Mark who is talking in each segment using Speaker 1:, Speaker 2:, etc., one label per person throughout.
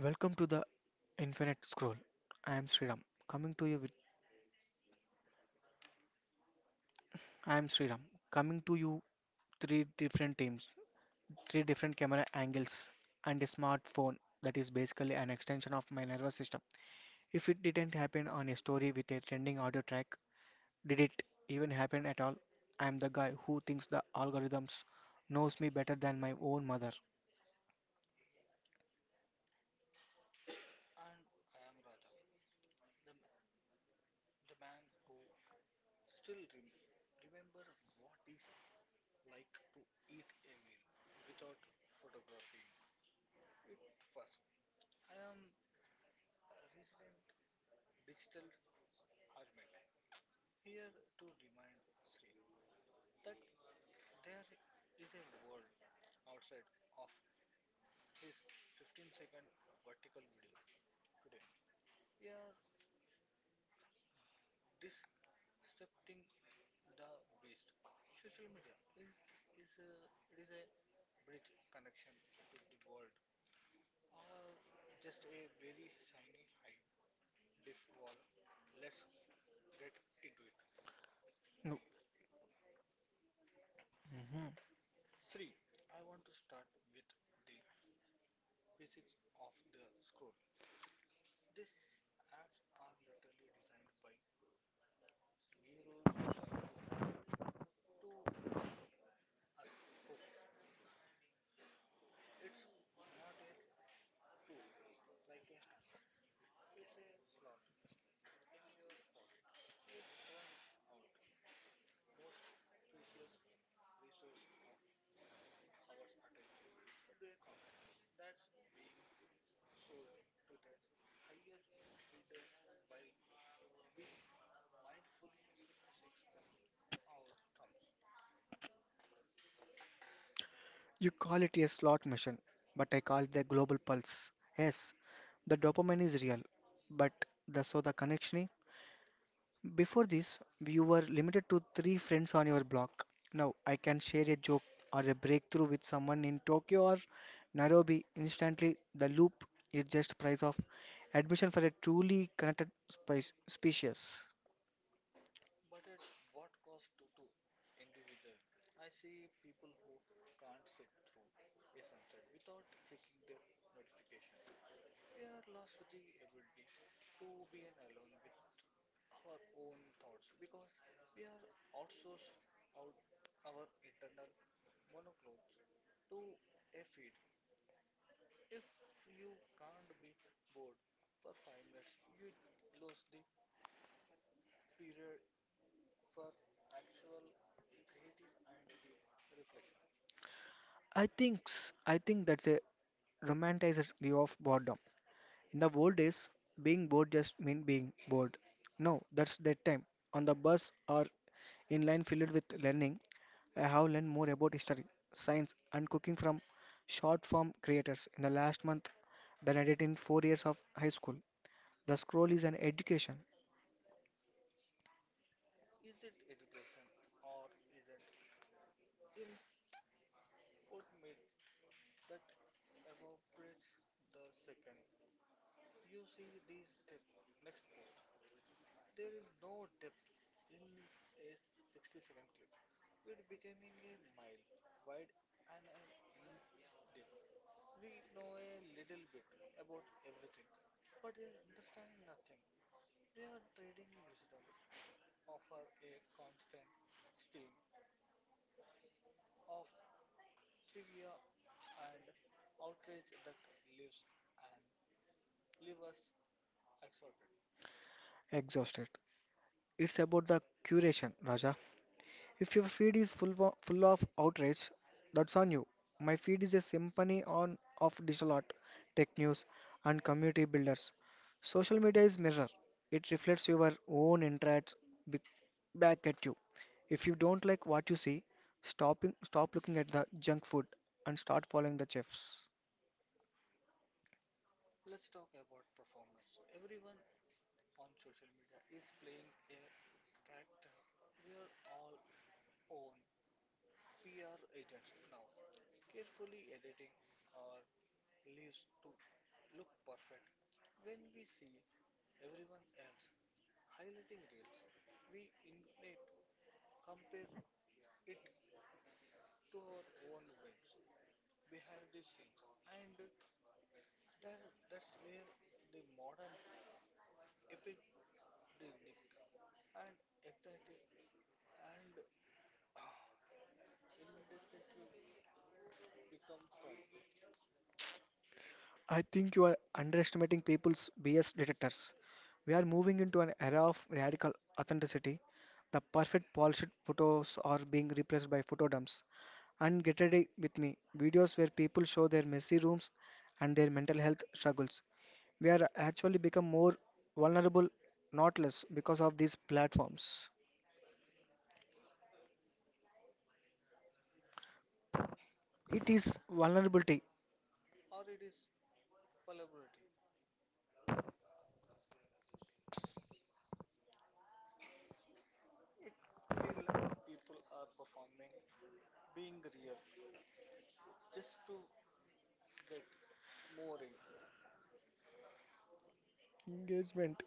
Speaker 1: Welcome to the Infinite Scroll. I am Sriram, coming to you with I am Sriram, coming to you three different teams, three different camera angles, and a smartphone that is basically an extension of my nervous system. If it didn't happen on a story with a trending audio track, did it even happen at all? I am the guy who thinks the algorithms knows me better than my own mother.
Speaker 2: And I am Raja, the, ma- the man who still remember what is like to eat a meal without photographing it first. I am a resident digital hermit here to remind Sri that there is a world outside of his 15-second vertical video. Today, we are disrupting the beast. Social media is a is a bridge connection to the world, or just a very shiny high diff wall. Let's get into it.
Speaker 1: No. Mhm.
Speaker 2: Three. I want to start with the physics of the scroll. These apps are literally designed by neuroscientists to keep us hooked. It's not a tool like a hammer. It's a slot machine in your pocket. You turn out most precious resource of our attention into a commodity that's being sold to the higher bidder while we mindfully six our thumbs.
Speaker 1: You call it a slot machine, but I call it a global pulse. Yes, the dopamine is real, but the so the connection. Is- before this, you were limited to three friends on your block. Now I can share a joke or a breakthrough with someone in Tokyo or Nairobi instantly. The loop is just price of admission for a truly connected spice, species.
Speaker 2: But at what cost to individual? I see people who can't sit through a sunset without checking their notifications. We are lost the ability to be an alone with our own thoughts because we are outsourced out our internal monoclothes to a feed. If you can't be bored for 5 minutes, you lose the period for actual creative and deep reflection.
Speaker 1: I think that's a romanticized view of boredom. In the old days, being bored just meant being bored. Now, that's that time. On the bus or in line filled with learning, I have learned more about history, science, and cooking from short form creators in the last month than I did in 4 years of high school. The scroll is an education.
Speaker 2: Is it education or is it infotainment that evaporates the second you see this step next post? There is no depth in a 60-second clip. It becoming a mile wide and an inch deep. We know a little bit about everything, but understanding nothing. We are trading wisdom for a constant stream of trivia and outrage that lives and leave us exhorted.
Speaker 1: Exhausted. It's about the curation, Raja. If your feed is full of outrage, that's on you. My feed is a symphony on of digital art, tech news, and community builders. Social media is mirror. It reflects your own interests be- back at you. If you don't like what you see, stop looking at the junk food and start following the chefs.
Speaker 2: Let's talk about performance. Everyone on social media is playing a character, we are all own PR agents now, carefully editing our leaves to look perfect. When we see everyone else highlighting reels, we innate compare it to our own bins behind the scenes, and that's where the modern epidemic and exotic and indefinitely become from,
Speaker 1: I think you are underestimating people's BS detectors. We are moving into an era of radical authenticity. The perfect polished photos are being replaced by photo dumps. And get ready with me videos where people show their messy rooms and their mental health struggles. We are actually become more vulnerable, not less, because of these platforms. It is vulnerability.
Speaker 2: or it is vulnerability. Feel like people are performing, being real, just to get more in,
Speaker 1: Engagement.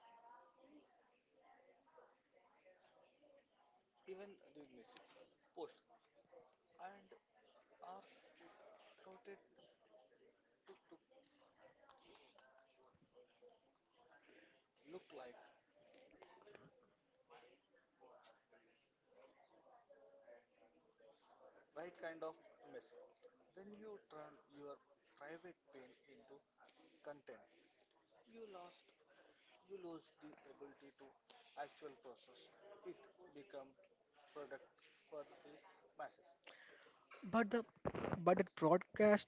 Speaker 2: even the missing post, and are clotted to look like right kind of messy. When you turn your private pain into content, you lost you lose the ability to actual process. It become product for the masses.
Speaker 1: But the but the broadcast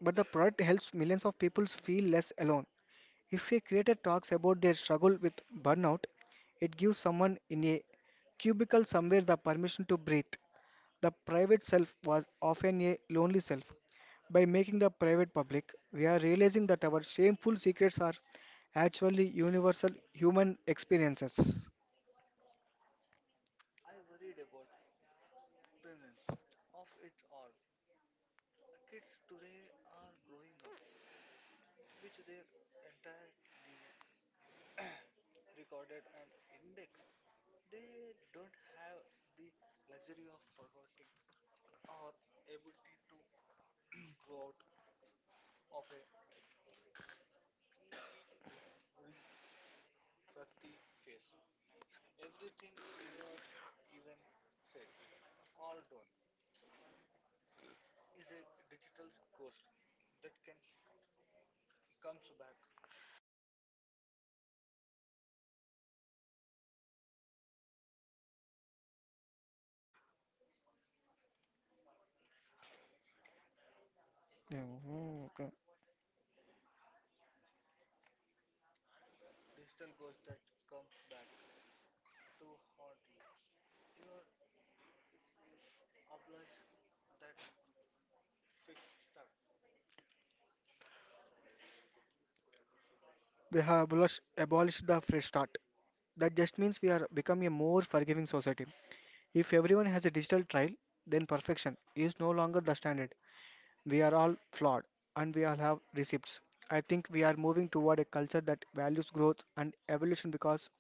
Speaker 1: but the product helps millions of people feel less alone. If a creator talks about their struggle with burnout, it gives someone in a cubicle somewhere the permission to breathe. The private self was often a lonely self. By making the private public, we are realizing that our shameful secrets are actually universal human experiences.
Speaker 2: I worried about prevalence of it all. Kids today are growing up which their entire living recorded and indexed. They don't have the luxury of forgetting or ability to grow out of a cringy wrig- frothy face. Everything you are even said or done is a digital ghost that can comes back నాకు చదవాలని చదువునికి అయితేనే లేదు నాకు
Speaker 1: Yeah, okay.
Speaker 2: Digital goes that comes back to haunt you your obliged that fish start
Speaker 1: We have abolished the fresh start. That just means we are becoming a more forgiving society. If everyone has a digital trial, then perfection is no longer the standard. We are all flawed and we all have receipts. I think we are moving toward a culture that values growth and evolution because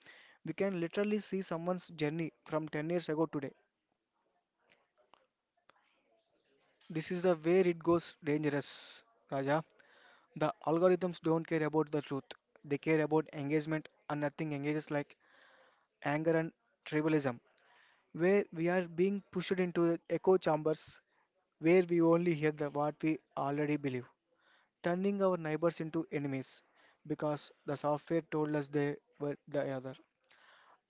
Speaker 1: we can literally see someone's journey from 10 years ago today. This is the where it goes dangerous, Raja. The algorithms don't care about the truth. They care about engagement and nothing engages like anger and tribalism, where we are being pushed into the echo chambers where we only hear the what we already believe, turning our neighbors into enemies because the software told us they were the other.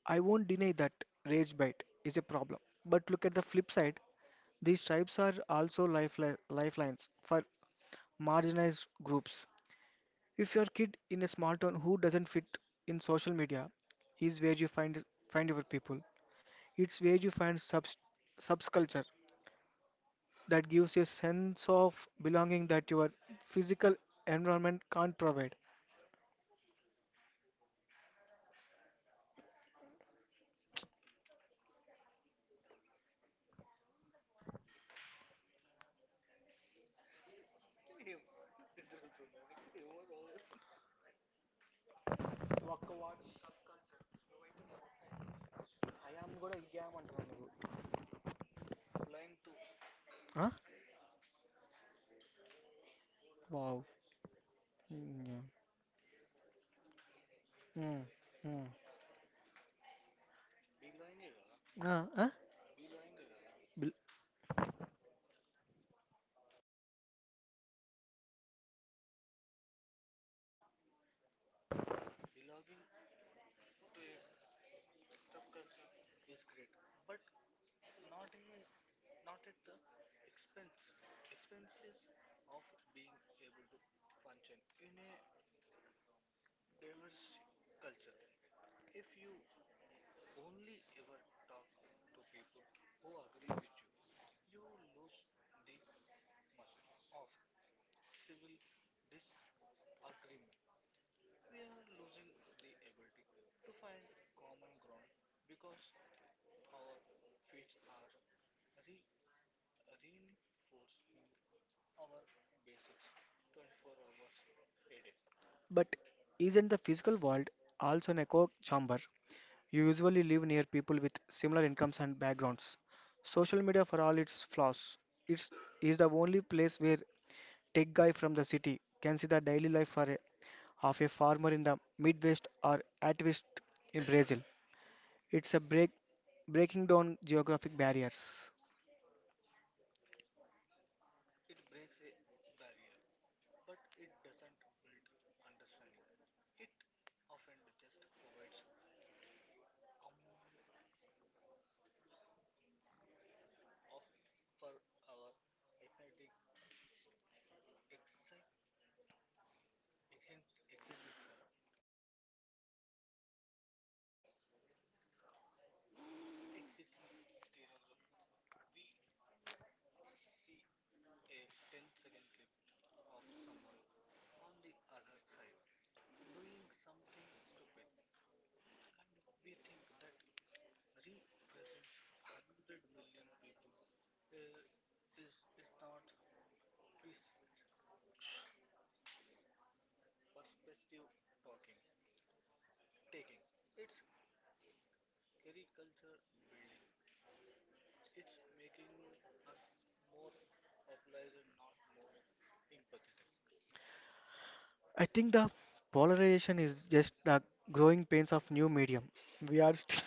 Speaker 1: I won't deny that rage bait is a problem, but look at the flip side. These stripes are also lifelines for marginalized groups. If your kid in a small town who doesn't fit in social media is where you find your people. It's where you find subs subculture that gives you a sense of belonging that your physical environment can't provide.
Speaker 2: applying to
Speaker 1: Huh? Wow. Mm, yeah. Mm, mm. Bl-
Speaker 2: belonging to a subculture is great, but not a not at the expense expenses of being able to function in a diverse culture if you only ever talk to people who agree with you. You lose the muscle of civil disagreement. We are losing the ability to find common ground because our feet are re- reinforcing our basics 24 hours a day.
Speaker 1: But isn't the physical world also an echo chamber? You usually live near people with similar incomes and backgrounds. Social media, for all its flaws, it's is the only place where tech guy from the city can see the daily life for a, of a farmer in the Midwest or activist in Brazil. It's a breaking down geographic barriers.
Speaker 2: It breaks a barrier, but it doesn't build understanding. It often just provides um of for our ethnic executive exiting stereography, we see a 10-second clip of someone on the other side doing something stupid, and we think that represents 100 million people where is it not pres- perspective talking taking, it's caricature building. It's making us more popularized, not more empathetic.
Speaker 1: I think the polarization is just the growing pains of new medium. We are st-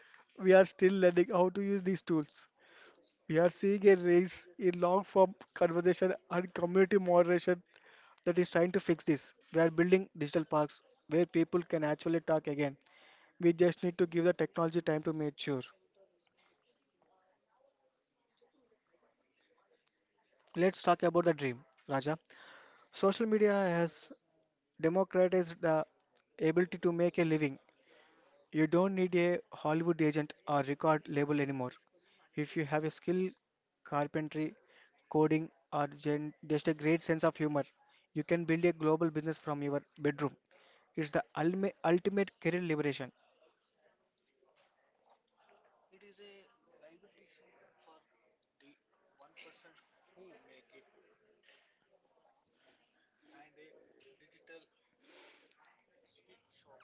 Speaker 1: we are still learning how to use these tools. We are seeing a rise in long form conversation and community moderation that is trying to fix this. We are building digital parks where people can actually talk again. We just need to give the technology time to mature. Let's talk about the dream, Raja. Social media has democratized the ability to make a living. You don't need a Hollywood agent or record label anymore. If you have a skill, carpentry, coding, or just a great sense of humor, you can build a global business from your bedroom. It's the ultimate career liberation.
Speaker 2: It is a liberation for the 1% who make it, and a digital sweet shop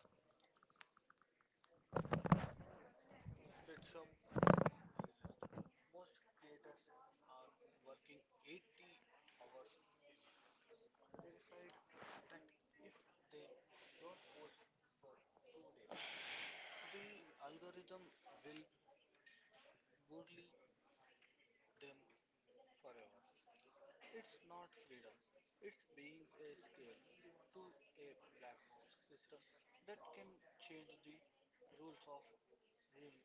Speaker 2: sweatshop for the rest. Most creators are working 80 hours a week, terrified that if they don't post for 2 days, the algorithm will bully them forever. It's not freedom, it's being a scale to a black box system that can change the rules of ruin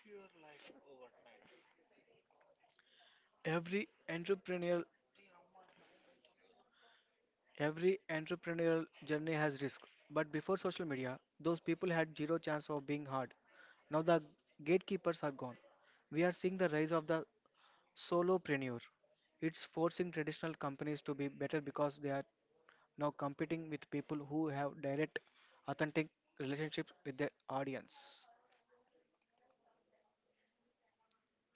Speaker 2: your life overnight.
Speaker 1: Every entrepreneurial every entrepreneurial journey has risk. But before social media, those people had zero chance of being hard. Now the gatekeepers are gone. We are seeing the rise of the solopreneur. It's forcing traditional companies to be better because they are now competing with people who have direct, authentic relationships with their audience.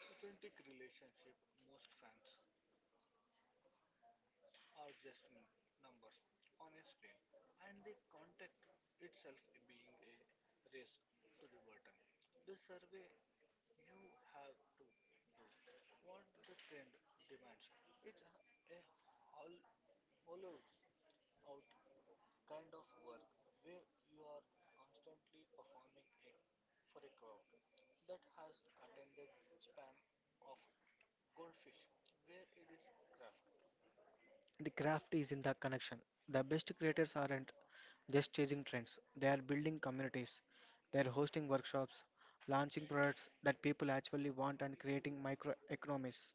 Speaker 2: Authentic relationship, most fans are just numbers on a screen, and the contact itself being a race to the button. The survey, you have to do what the trend demands. It's a, a hol- hollowed out kind of work where you are constantly performing for a crowd that has attended spam of goldfish where it is craft.
Speaker 1: The craft is in the connection. The best creators aren't just chasing trends, they are building communities. They are hosting workshops, launching products that people actually want, and creating microeconomies.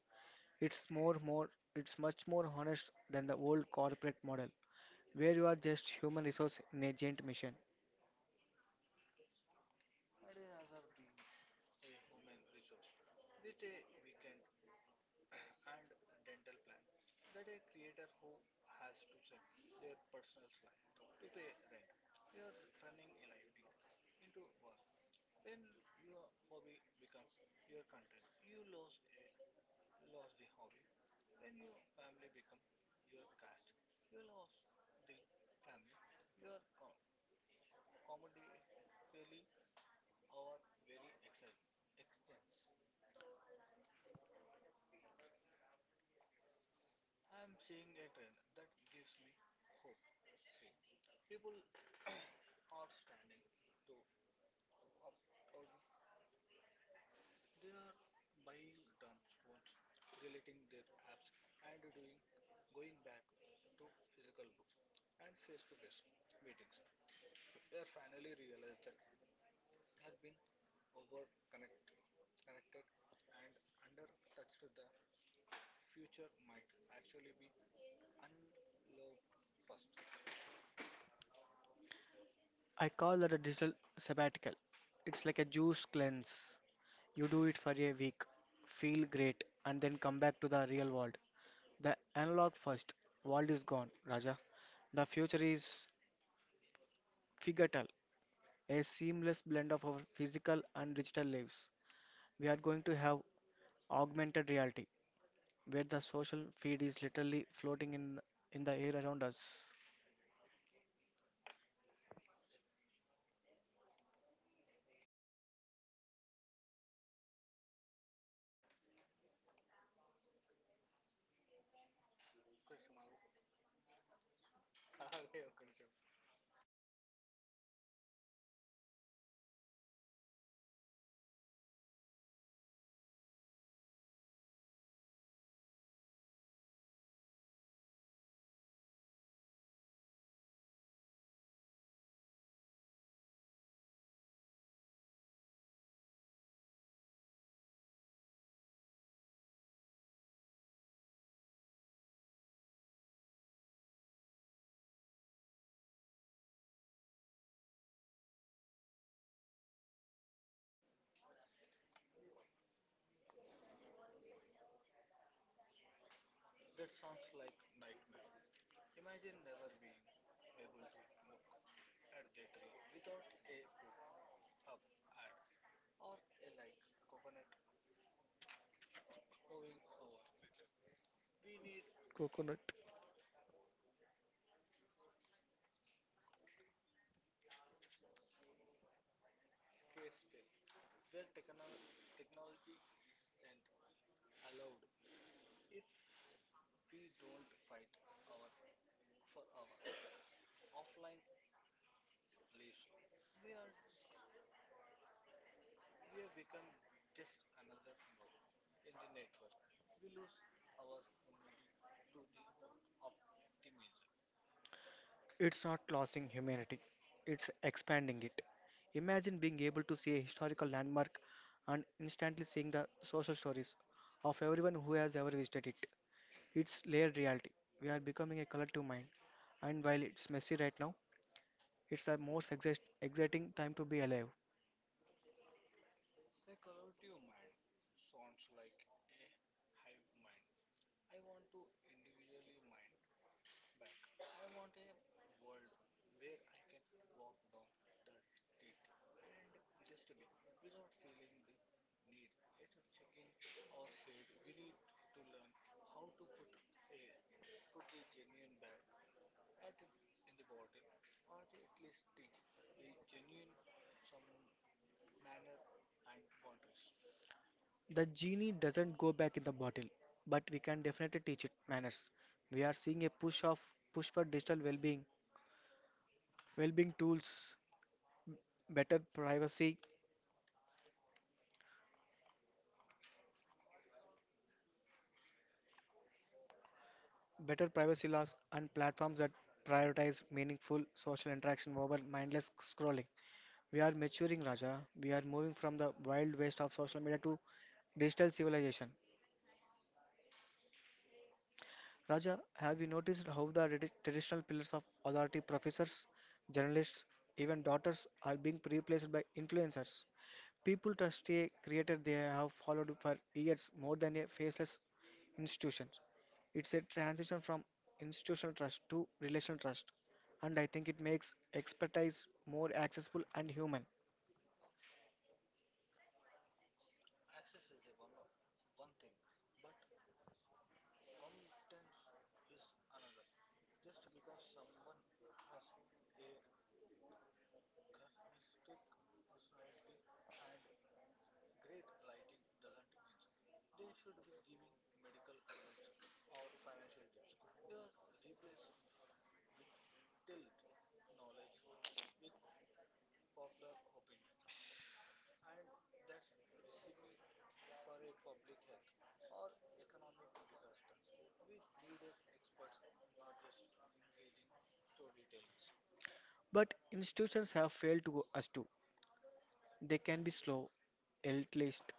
Speaker 1: It's more, more, it's much more honest than the old corporate model, where you are just human resource in a giant mission.
Speaker 2: I'd rather be a human resource with a weekend and dental plan that a creator who has to sell their personal life to pay rent. You are turning a living into work. When your hobby becomes your content, you lose the hobby. When your family become your cast, you lost the family. Your comedy fairly our very extent extends. I am seeing a trend that gives me hope. Three people are standing to opt out. They are buying dumb phones, deleting their apps, and doing going back to physical books and face-to-face meetings. They are finally realize that they are being over connected and under touched. The future might actually be unlocked first.
Speaker 1: I call that a digital sabbatical. It's like a juice cleanse. You do it for a week, feel great, and then come back to the real world. The analog first world is gone, Raja. The future is figital, a seamless blend of our physical and digital lives. We are going to have augmented reality, where the social feed is literally floating in the air around us. Uh,
Speaker 2: That sounds like nightmare. Imagine never being able to look at the tree without a poop up ad or a like coconut hovering over it. We need
Speaker 1: Coconut.
Speaker 2: scarce space where technology isn't allowed. If we don't fight our for our offline lives, we are we have become just another knob in the network. We lose our humanity to the optimism.
Speaker 1: It's not losing humanity, it's expanding it. Imagine being able to see a historical landmark and instantly seeing the social stories of everyone who has ever visited it. It's layered reality. We are becoming a collective mind, and while it's messy right now, it's the most exciting time to be alive.
Speaker 2: A collaborative mind sounds like a hive mind. I want to individually mind back. I want a world where I can walk down the street and just be without feeling the need at a check-in or head. We need to learn how to a put the genuine back at it in the bottle, or they at least teach the genuine some manner and boundaries.
Speaker 1: The genie doesn't go back in the bottle, but we can definitely teach it manners. We are seeing a push for digital well-being, tools, better privacy laws, and platforms that prioritize meaningful social interaction over mindless scrolling. We are maturing, Raja. We are moving from the wild west of social media to digital civilization. Raja, have you noticed how the traditional pillars of authority, professors, journalists, even doctors, are being replaced by influencers? People trust a creator they have followed for years more than a faceless institution. It's a transition from institutional trust to relational trust, and I think it makes expertise more accessible and human.
Speaker 2: Access is the one thing, but competence is another. Just because someone has a charismatic personality and great lighting doesn't mean they should be giving medical advice or financial tips. Your replace whittled knowledge with popular opinion, and that's a recipe for a public health or economic disaster. We needed experts, not just engaging storytellers.
Speaker 1: But institutions have failed to us too. They can be slow, elitist,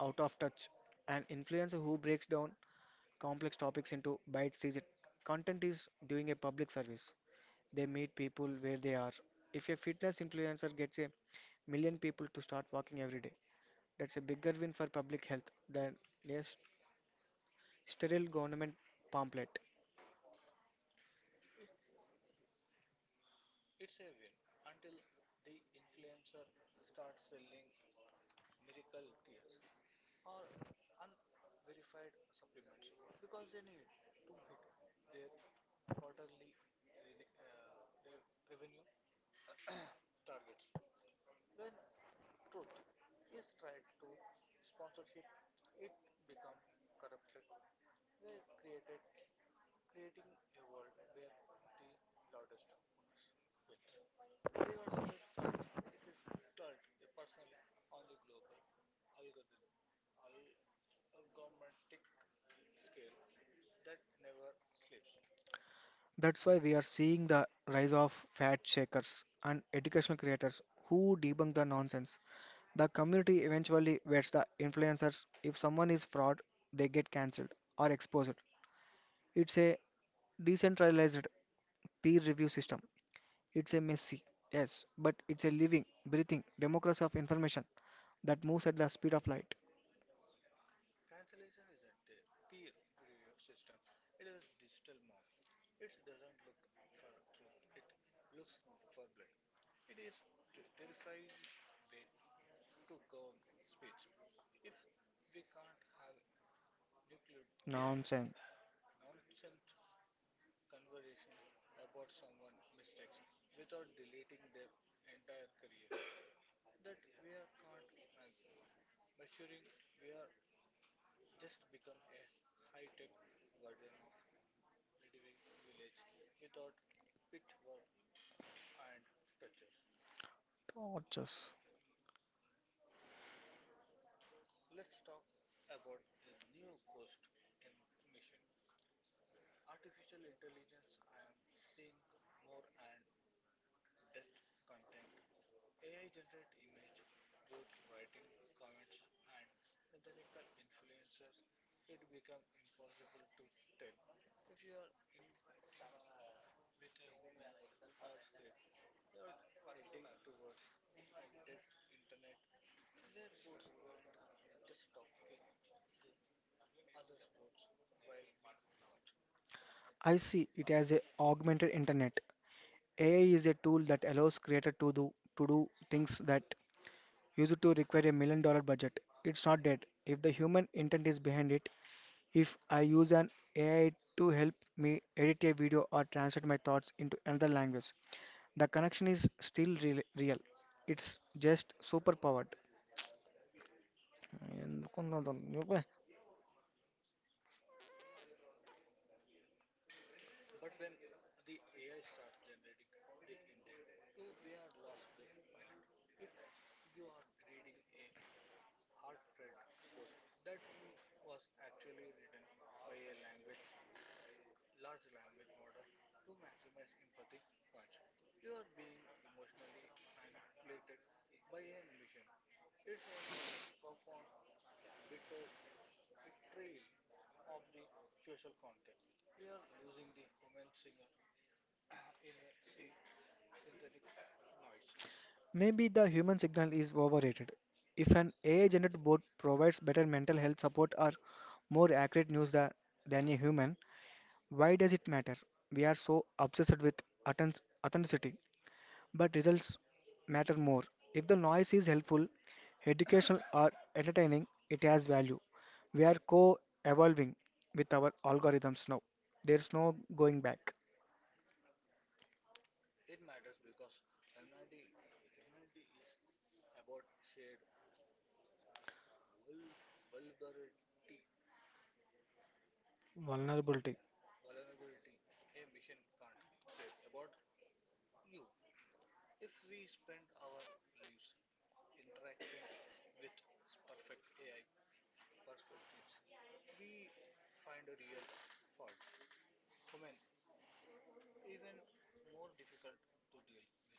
Speaker 1: out of touch. An influencer who breaks down complex topics into bite-sized content is doing a public service. They meet people where they are. If a fitness influencer gets a million people to start walking every day, that's a bigger win for public health than a sterile government pamphlet.
Speaker 2: It's it's a win until the influencer starts selling miracle tears or unverified supplements because they need to hit their quarterly re- uh, re- revenue targets. When truth is tried to sponsorship, it becomes corrupted. We're created creating a world where the loudest voice wins. Regards the fact it is told personally on the global algorithm algorithmic scale that never sleeps.
Speaker 1: That's why we are seeing the rise of fat shakers and educational creators who debunk the nonsense. The community eventually vets the influencers. If someone is fraud, they get cancelled or exposed. It's a decentralized peer review system. It's a messy, yes, but it's a living, breathing democracy of information that moves at the speed of light.
Speaker 2: Cancellation isn't a peer review system, it is a digital mob. It doesn't look for truth, it looks for blood. It is a terrifying way to govern speech. If we can't have nuclear
Speaker 1: Nonsense.
Speaker 2: nonsense conversation about someone's mistakes without deleting their entire career, that we are can't measuring, we are just to become a high tech version of m- medieval village without pitchfork and touches.
Speaker 1: Tortures.
Speaker 2: Let's talk about a new ghost in mission. Artificial intelligence, I am seeing more and depth content. AI generate image, both writing comments and synthetical influencers. It become impossible to tell if you are interacting with a woman or script, you're heading towards a dead internet where boats aren't just talking to other boats while we watch.
Speaker 1: I see it as a augmented internet. AI is a tool that allows creator to do things that used to require $1 million budget. It's not dead. If the human intent is behind it, if I use an AI to help me edit a video or translate my thoughts into another language, the connection is still real. It's just superpowered. And no, no, no, okay.
Speaker 2: But when the AI starts generating the intent, so we are lost the pilot. If you are reading a heartfelt post that was actually written by a language large language model to maximize empathy points. You are being emotionally manipulated by a mission. It's a profound bitter betrayal of the social contract. We are losing the human signal in a sea synthetic noise.
Speaker 1: Maybe the human signal is overrated. If an AI-generated bot provides better mental health support or more accurate news than a human, why does it matter? We are so obsessed with authenticity, but results matter more. If the noise is helpful, educational, or entertaining, it has value. We are co-evolving with our algorithms now. There's no going back.
Speaker 2: It matters because humanity, humanity is about shared vul- vulnerability.
Speaker 1: Vulnerability.
Speaker 2: Vulnerability. A mission can't care about you. If we spend our lives interacting with perfect AI perfectionists, we find a real faults. Human, even more difficult to deal with.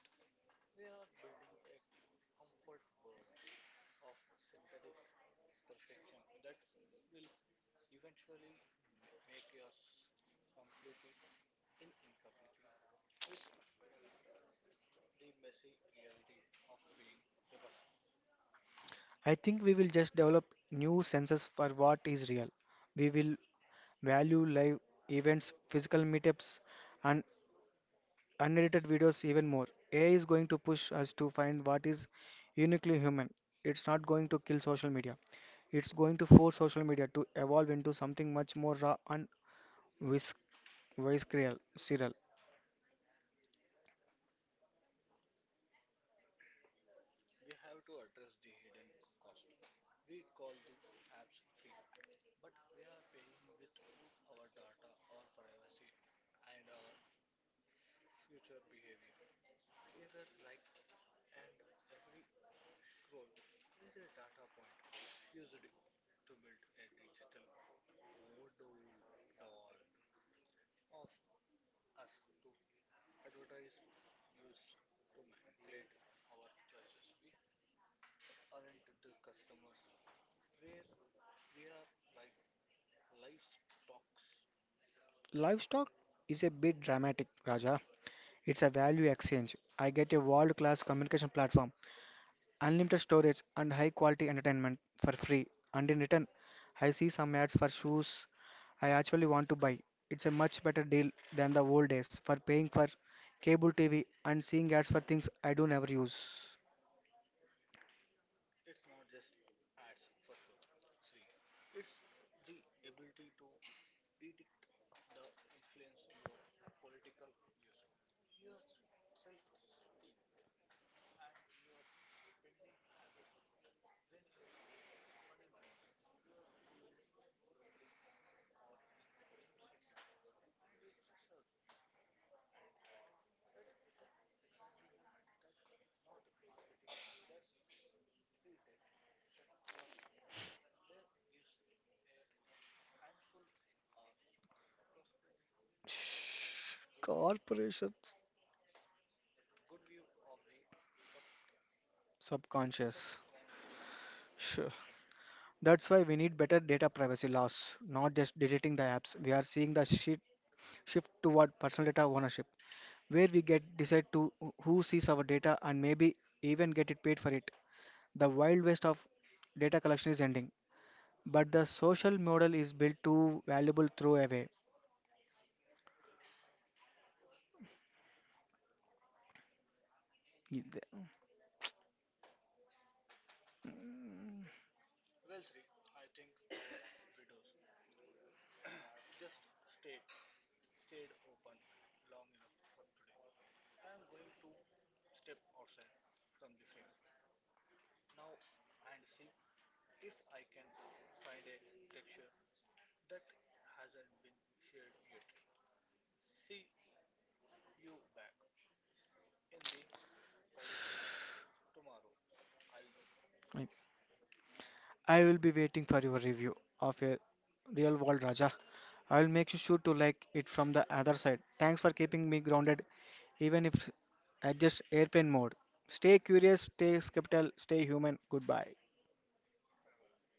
Speaker 2: We are building a comfort world of synthetic perfection that will eventually make us completely in incompletely with the messy reality of being a person.
Speaker 1: I think we will just develop new senses for what is real. We will value live events, physical meetups, and unedited videos even more. AI is going to push us to find what is uniquely human. It's not going to kill social media. It's going to force social media to evolve into something much more raw and vis- visceral. Serial.
Speaker 2: We have to address the hidden cost. We call the apps free, but we are paying with our data, our privacy, and our future behavior. Every like and every scroll is a data point used to build a digital voodoo doll of us to advertise, use to manipulate our choices. We aren't the customers. We're We are like livestock.
Speaker 1: Livestock is a bit dramatic, Raja. It's a value exchange. I get a world-class communication platform, unlimited storage, and high quality entertainment for free, and in return I see some ads for shoes I actually want to buy. It's a much better deal than the old days for paying for cable TV and seeing ads for things I do never use.
Speaker 2: It's not just ads for sure. Three, it's the ability to predict the influence your political views, your self-esteem, and your spending habit. When a company knows you're feeling lonely or insecure, and it serves you, and at that exactly moment, that not marketing, that's predictor where gives a handful or corporate a
Speaker 1: Shh.
Speaker 2: good view
Speaker 1: Corporations.
Speaker 2: good view of the sub-
Speaker 1: Subconscious.
Speaker 2: subconscious.
Speaker 1: Sure. That's why we need better data privacy laws, not just deleting the apps. We are seeing the shift toward personal data ownership where we get decide to who sees our data and maybe even get it paid for it. The wild west of data collection is ending, but the social model is built to valuable throw away.
Speaker 2: Well, Sri, I think our widows just stayed open long enough for today. I am going to step outside from the frame now and see if I can find a texture that hasn't been shared yet. See you back in the collective mind tomorrow, I suppose.
Speaker 1: I will be waiting for your review of a real world Raja. I will make you sure to like it from the other side. Thanks for keeping me grounded, even if adjust airplane mode. Stay curious, stay skeptical, stay human. Goodbye.
Speaker 2: Bye bye.